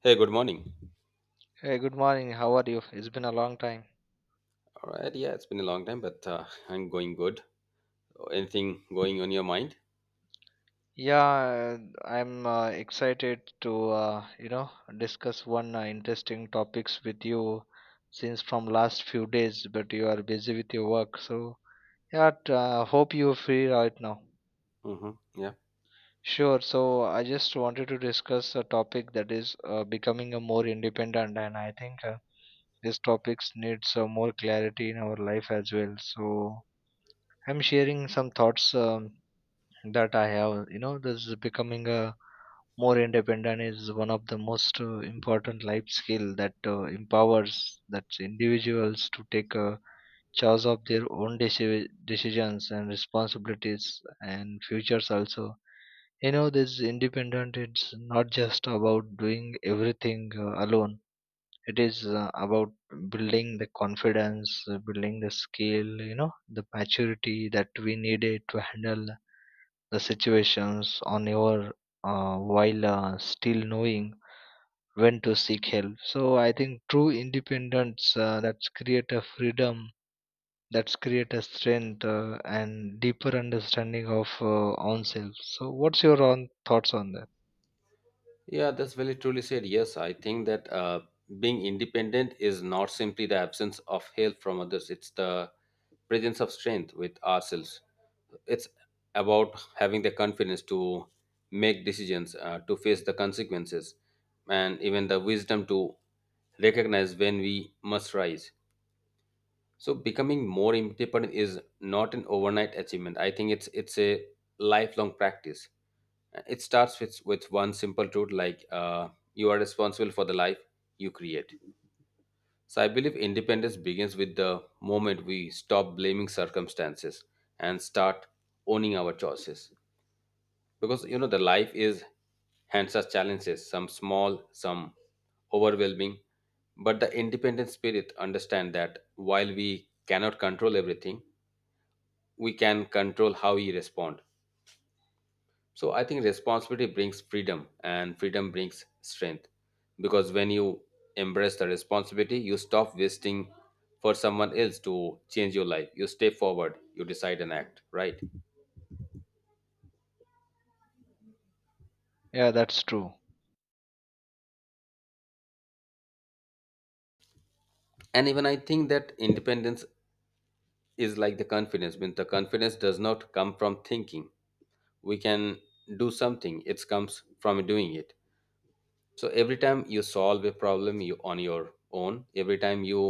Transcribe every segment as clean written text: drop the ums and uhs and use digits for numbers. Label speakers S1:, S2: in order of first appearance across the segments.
S1: Hey, good morning.
S2: Hey, good morning. How are you? It's been a long time.
S1: All right, yeah, it's been a long time, but I'm going good. Anything going on your mind?
S2: Yeah, I'm excited to discuss one interesting topics with you since from last few days, but you are busy with your work. So yeah, hope you're free right now.
S1: Hmm. Yeah,
S2: Sure. So I just wanted to discuss a topic that is becoming a more independent, and I think this topics needs more clarity in our life as well. So I'm sharing some thoughts. That I have. You know, this is becoming a more independent is one of the most important life skill that empowers that individuals to take a charge of their own decisions and responsibilities and futures also. You know, this independent it's not just about doing everything alone, it is about building the confidence, building the skill, you know, the maturity that we needed to handle the situations on your, while still knowing when to seek help. So I think true independence, that's create a freedom, that's create a strength, and deeper understanding of own self. So what's your own thoughts on that?
S1: yeah, that's very truly said. Yes, I think that being independent is not simply the absence of help from others; it's the presence of strength with ourselves. It's about having the confidence to make decisions, to face the consequences, and even the wisdom to recognize when we must rise. So becoming more independent is not an overnight achievement. I think it's a lifelong practice. It starts with one simple truth like you are responsible for the life you create. So I believe independence begins with the moment we stop blaming circumstances and start owning our choices, because you know the life is hands us challenges, some small, some overwhelming, but the independent spirit understand that while we cannot control everything, we can control how we respond. So I think responsibility brings freedom and freedom brings strength, because when you embrace the responsibility you stop wasting for someone else to change your life. You step forward, you decide and act right.
S2: Yeah, that's true.
S1: And even I think that independence is like the confidence. Means the confidence does not come from thinking we can do something, it comes from doing it. So every time you solve a problem you on your own, every time you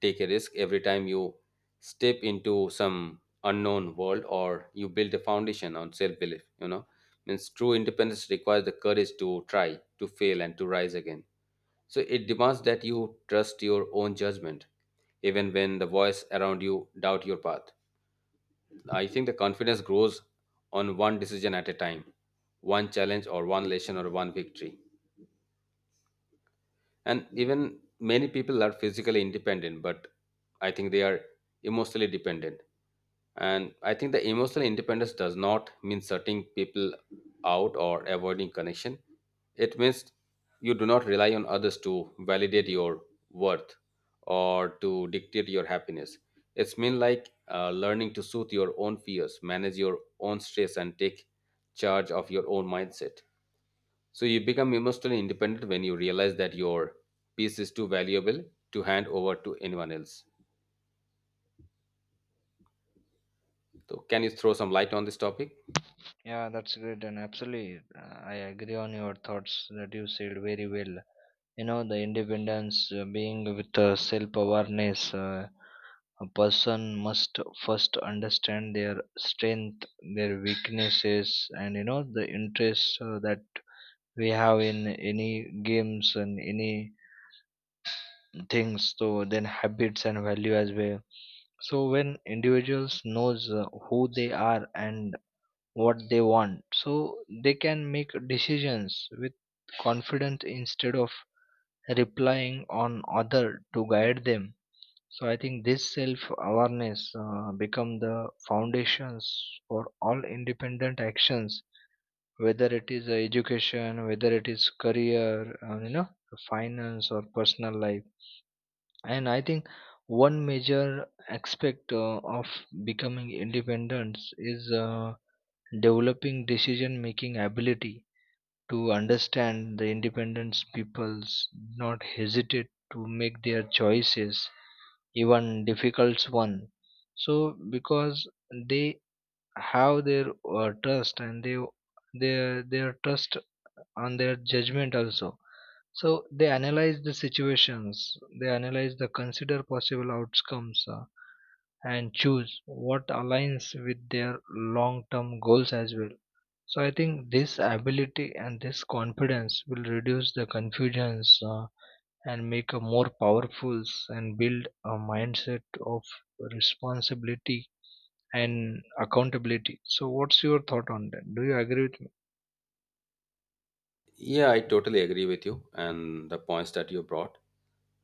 S1: take a risk, every time you step into some unknown world or you build a foundation on self belief, you know, means true independence requires the courage to try, to fail and to rise again. So it demands that you trust your own judgment even when the voice around you doubt your path. I think the confidence grows on one decision at a time, one challenge or one lesson or one victory. And even many people are physically independent, but I think they are emotionally dependent. And I think the emotional independence does not mean shutting people out or avoiding connection. It means you do not rely on others to validate your worth or to dictate your happiness. It's mean like learning to soothe your own fears, manage your own stress and take charge of your own mindset. So you become emotionally independent when you realize that your piece is too valuable to hand over to anyone else. So can you throw some light on this topic?
S2: Yeah, that's great, and absolutely, I agree on your thoughts that you said very well. You know, the independence, being with self awareness, a person must first understand their strength, their weaknesses, and you know, the interests that we have in any games and any things, so then habits and value as well. So, when individuals knows who they are and what they want, so they can make decisions with confidence instead of replying on other to guide them. So I think this self awareness become the foundations for all independent actions, whether it is education, whether it is career, you know, finance or personal life. And I think one major aspect of becoming independent is developing decision making ability. To understand, the independence peoples not hesitate to make their choices, even difficult one. So because they have their trust, and they their trust on their judgment also. So they analyze the situations, they analyze the consider possible outcomes, and choose what aligns with their long term goals as well. So I think this ability and this confidence will reduce the confusions, and make a more powerful and build a mindset of responsibility and accountability. So what's your thought on that? Do you agree with me?
S1: Yeah, I totally agree with you and the points that you brought.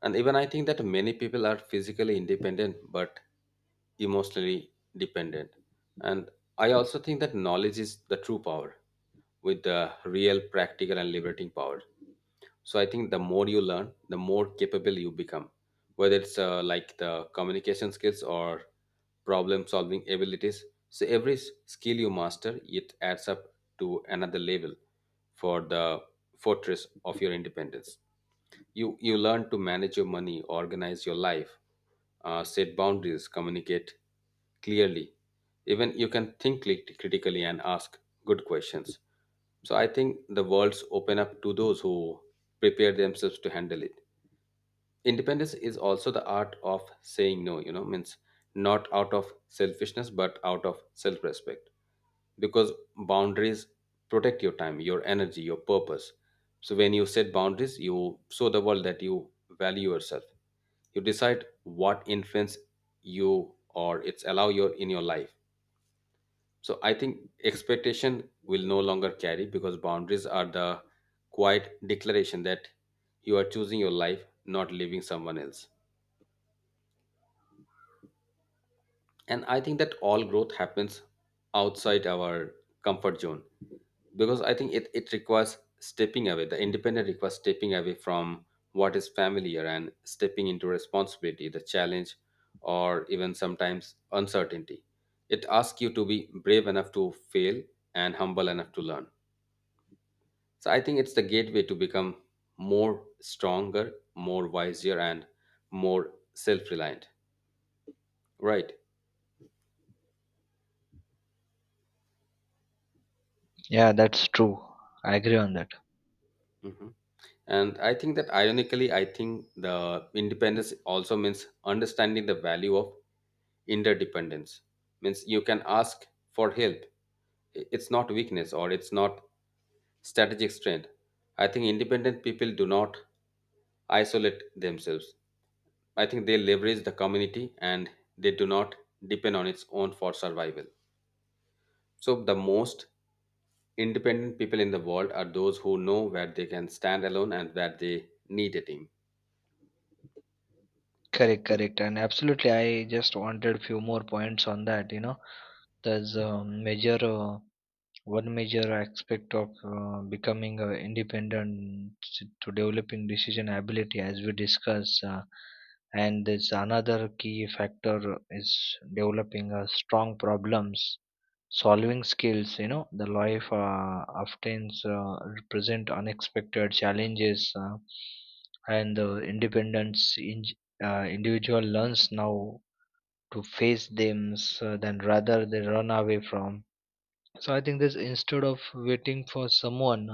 S1: And even I think that many people are physically independent but emotionally dependent. And I also think that knowledge is the true power, with the real practical and liberating power. So I think the more you learn the more capable you become, whether it's like the communication skills or problem solving abilities. So every skill you master it adds up to another level for the fortress of your independence. You learn to manage your money, organize your life, set boundaries, communicate clearly, even you can think critically and ask good questions. So I think the worlds open up to those who prepare themselves to handle it. Independence is also the art of saying no, you know, means not out of selfishness but out of self-respect, because boundaries protect your time, your energy, your purpose. So when you set boundaries you show the world that you value yourself. You decide what influence you or it's allow your in your life. So I think expectation will no longer carry because boundaries are the quiet declaration that you are choosing your life, not leaving someone else. And I think that all growth happens outside our comfort zone, because I think it requires stepping away. The independent requires stepping away from what is familiar and stepping into responsibility, the challenge, or even sometimes uncertainty. It asks you to be brave enough to fail and humble enough to learn. So I think it's the gateway to become more stronger, more wiser and more self-reliant, right?
S2: Yeah, that's true. I agree on that.
S1: Mhm. And I think that ironically, I think the independence also means understanding the value of interdependence. Means you can ask for help. It's not weakness or it's not strategic strength. I think independent people do not isolate themselves. I think they leverage the community and they do not depend on its own for survival. So the most independent people in the world are those who know where they can stand alone and where they need a team.
S2: Correct, correct, and absolutely. I just wanted few more points on that. You know, there's a major one major aspect of becoming independent, to developing decision ability as we discuss, and this another key factor is developing a strong problems solving skills. You know, the life often present unexpected challenges, and the independence in, individual learns now to face them, so then rather they run away from. So I think this, instead of waiting for someone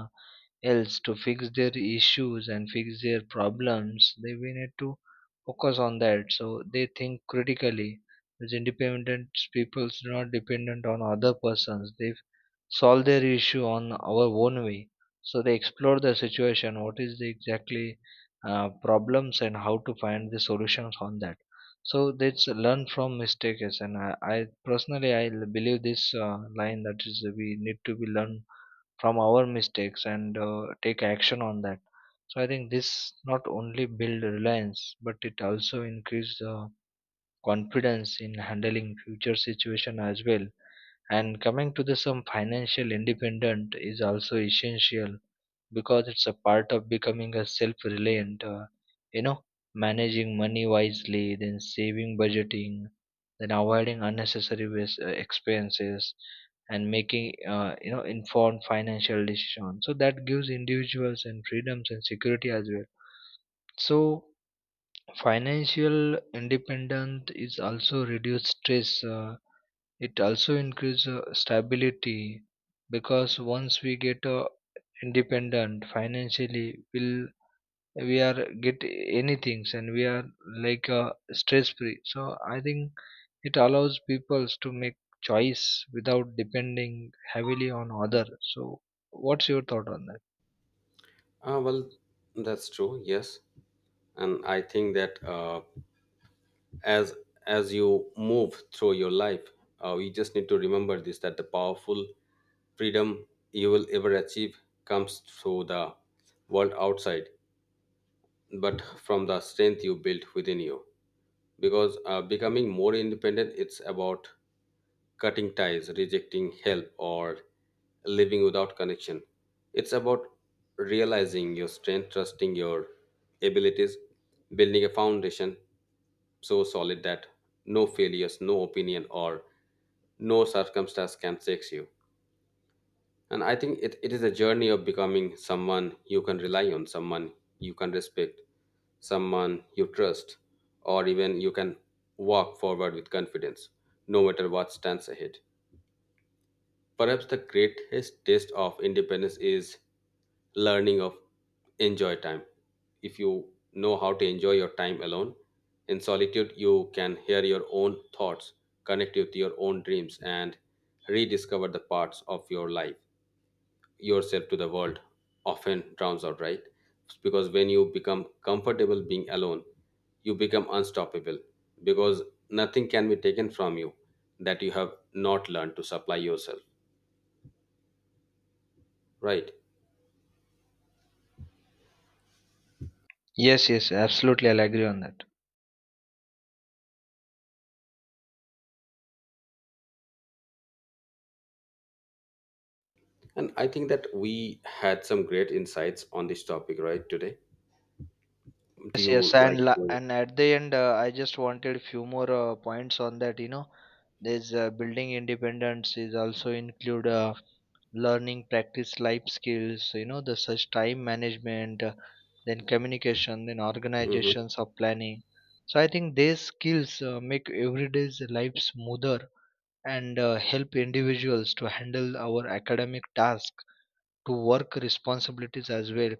S2: else to fix their issues and fix their problems, they we need to focus on that. So they think critically. As independent people are not dependent on other persons. They solve their issue on our own way, so they explore the situation what is the exactly problems and how to find the solutions on that. So they learn from mistakes, and I personally believe this line that is we need to be learn from our mistakes and take action on that. So I think this not only build reliance but it also increase the confidence in handling future situation as well. And coming to the some financial independent is also essential, because it's a part of becoming a self-reliant, you know managing money wisely, then saving, budgeting, then avoiding unnecessary waste, expenses, and making, informed financial decisions, so that gives individuals and freedoms and security as well. So Financial independence is also reduce stress. It also increase stability, because once we get independent financially, will we are get anything, and we are like stress free. So I think it allows peoples to make choice without depending heavily on other. So what's your thought on that?
S1: Well, that's true. Yes, and I think that as as you move through your life, you just need to remember this: that the powerful freedom you will ever achieve comes through the world outside, but from the strength you built within you. Because becoming more independent, it's about cutting ties, rejecting help, or living without connection. It's about realizing your strength, trusting your abilities, building a foundation so solid that no failures, no opinion, or no circumstance can shake you. And I think it is a journey of becoming someone you can rely on, someone you can respect, someone you trust, or even you can walk forward with confidence, no matter what stands ahead. Perhaps the greatest test of independence is learning of enjoy time. If you know how to enjoy your time alone, in solitude, you can hear your own thoughts, connect with your own dreams, and rediscover the parts of your life yourself to the world often drowns out, right? Because when you become comfortable being alone, you become unstoppable, because nothing can be taken from you that you have not learned to supply yourself, right?
S2: Yes, yes, absolutely. I'll agree on that.
S1: And I think that we had some great insights on this topic, right, today. Do
S2: Yes, yes,
S1: you like to?
S2: and at the end, I just wanted few more points on that. You know, there's building independence is also include learning practice life skills. You know, the such time management, then communication, then
S1: Mhm.
S2: organizations of planning. So I think these skills make everyday's life smoother, and help individuals to handle our academic task to work responsibilities as well,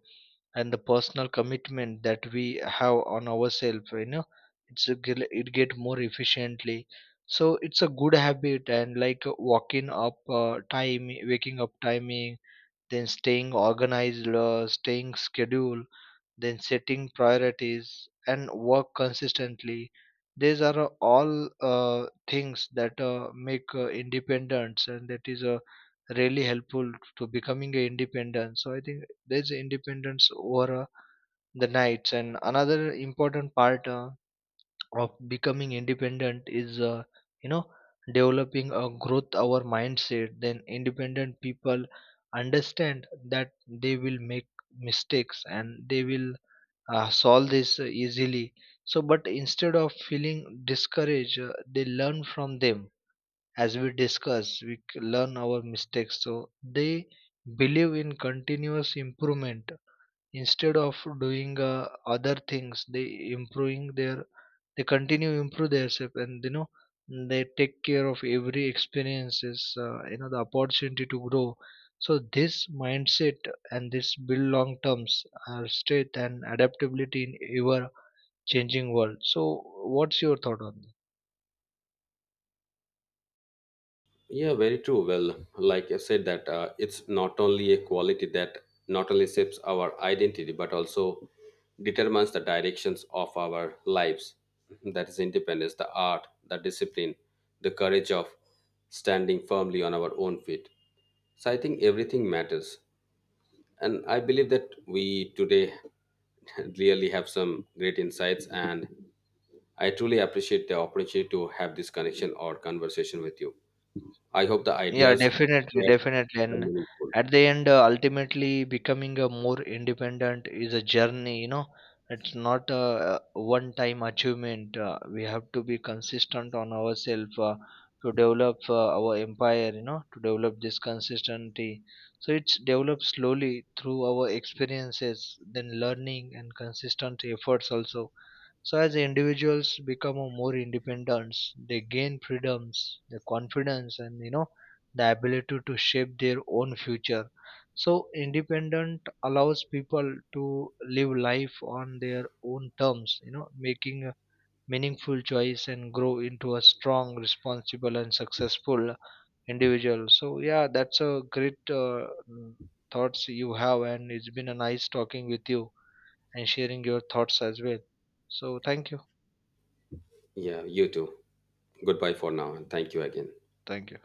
S2: and the personal commitment that we have on ourselves, you know, it's a, it get more efficiently. So it's a good habit, and like walking up time, waking up timing, then staying organized, staying schedule, then setting priorities and work consistently. These are all things that make independence, and that is really helpful to becoming a independent. So I think there's independence over the nights. And another important part of becoming independent is, you know developing a growth our mindset. Then independent people understand that they will make mistakes, and they will solve this easily. So but instead of feeling discouraged, they learn from them. As we discuss, we learn our mistakes, so they believe in continuous improvement. Instead of doing other things, they improving their, they continue improve themselves, and you know, they take care of every experiences, the opportunity to grow. So this mindset and this build long terms our strength and adaptability in ever changing world. So what's your thought on this?
S1: Yeah, very true. Well, like I said, that it's not only a quality that not only shapes our identity, but also determines the directions of our lives. That is independence, the art, the discipline, the courage of standing firmly on our own feet. So I think everything matters. And I believe that we today really have some great insights, and I truly appreciate the opportunity to have this connection or conversation with you. I hope the
S2: Yeah,
S1: ideas
S2: definitely,
S1: were
S2: definitely. And
S1: meaningful.
S2: at the end, ultimately becoming a more independent is a journey, you know. It's not a one time achievement. We have to be consistent on ourselves to develop our empire, you know, to develop this consistency. So it's developed slowly through our experiences, then learning and consistent efforts also. So as individuals become a more independent, they gain freedoms, the confidence, and you know the ability to shape their own future. So independent allows people to live life on their own terms. You know, making a meaningful choice and grow into a strong, responsible, and successful individual. So yeah, that's a great thoughts you have, and it's been a nice talking with you and sharing your thoughts as well. So thank you.
S1: Yeah, you too. Goodbye for now and thank you again.
S2: Thank you.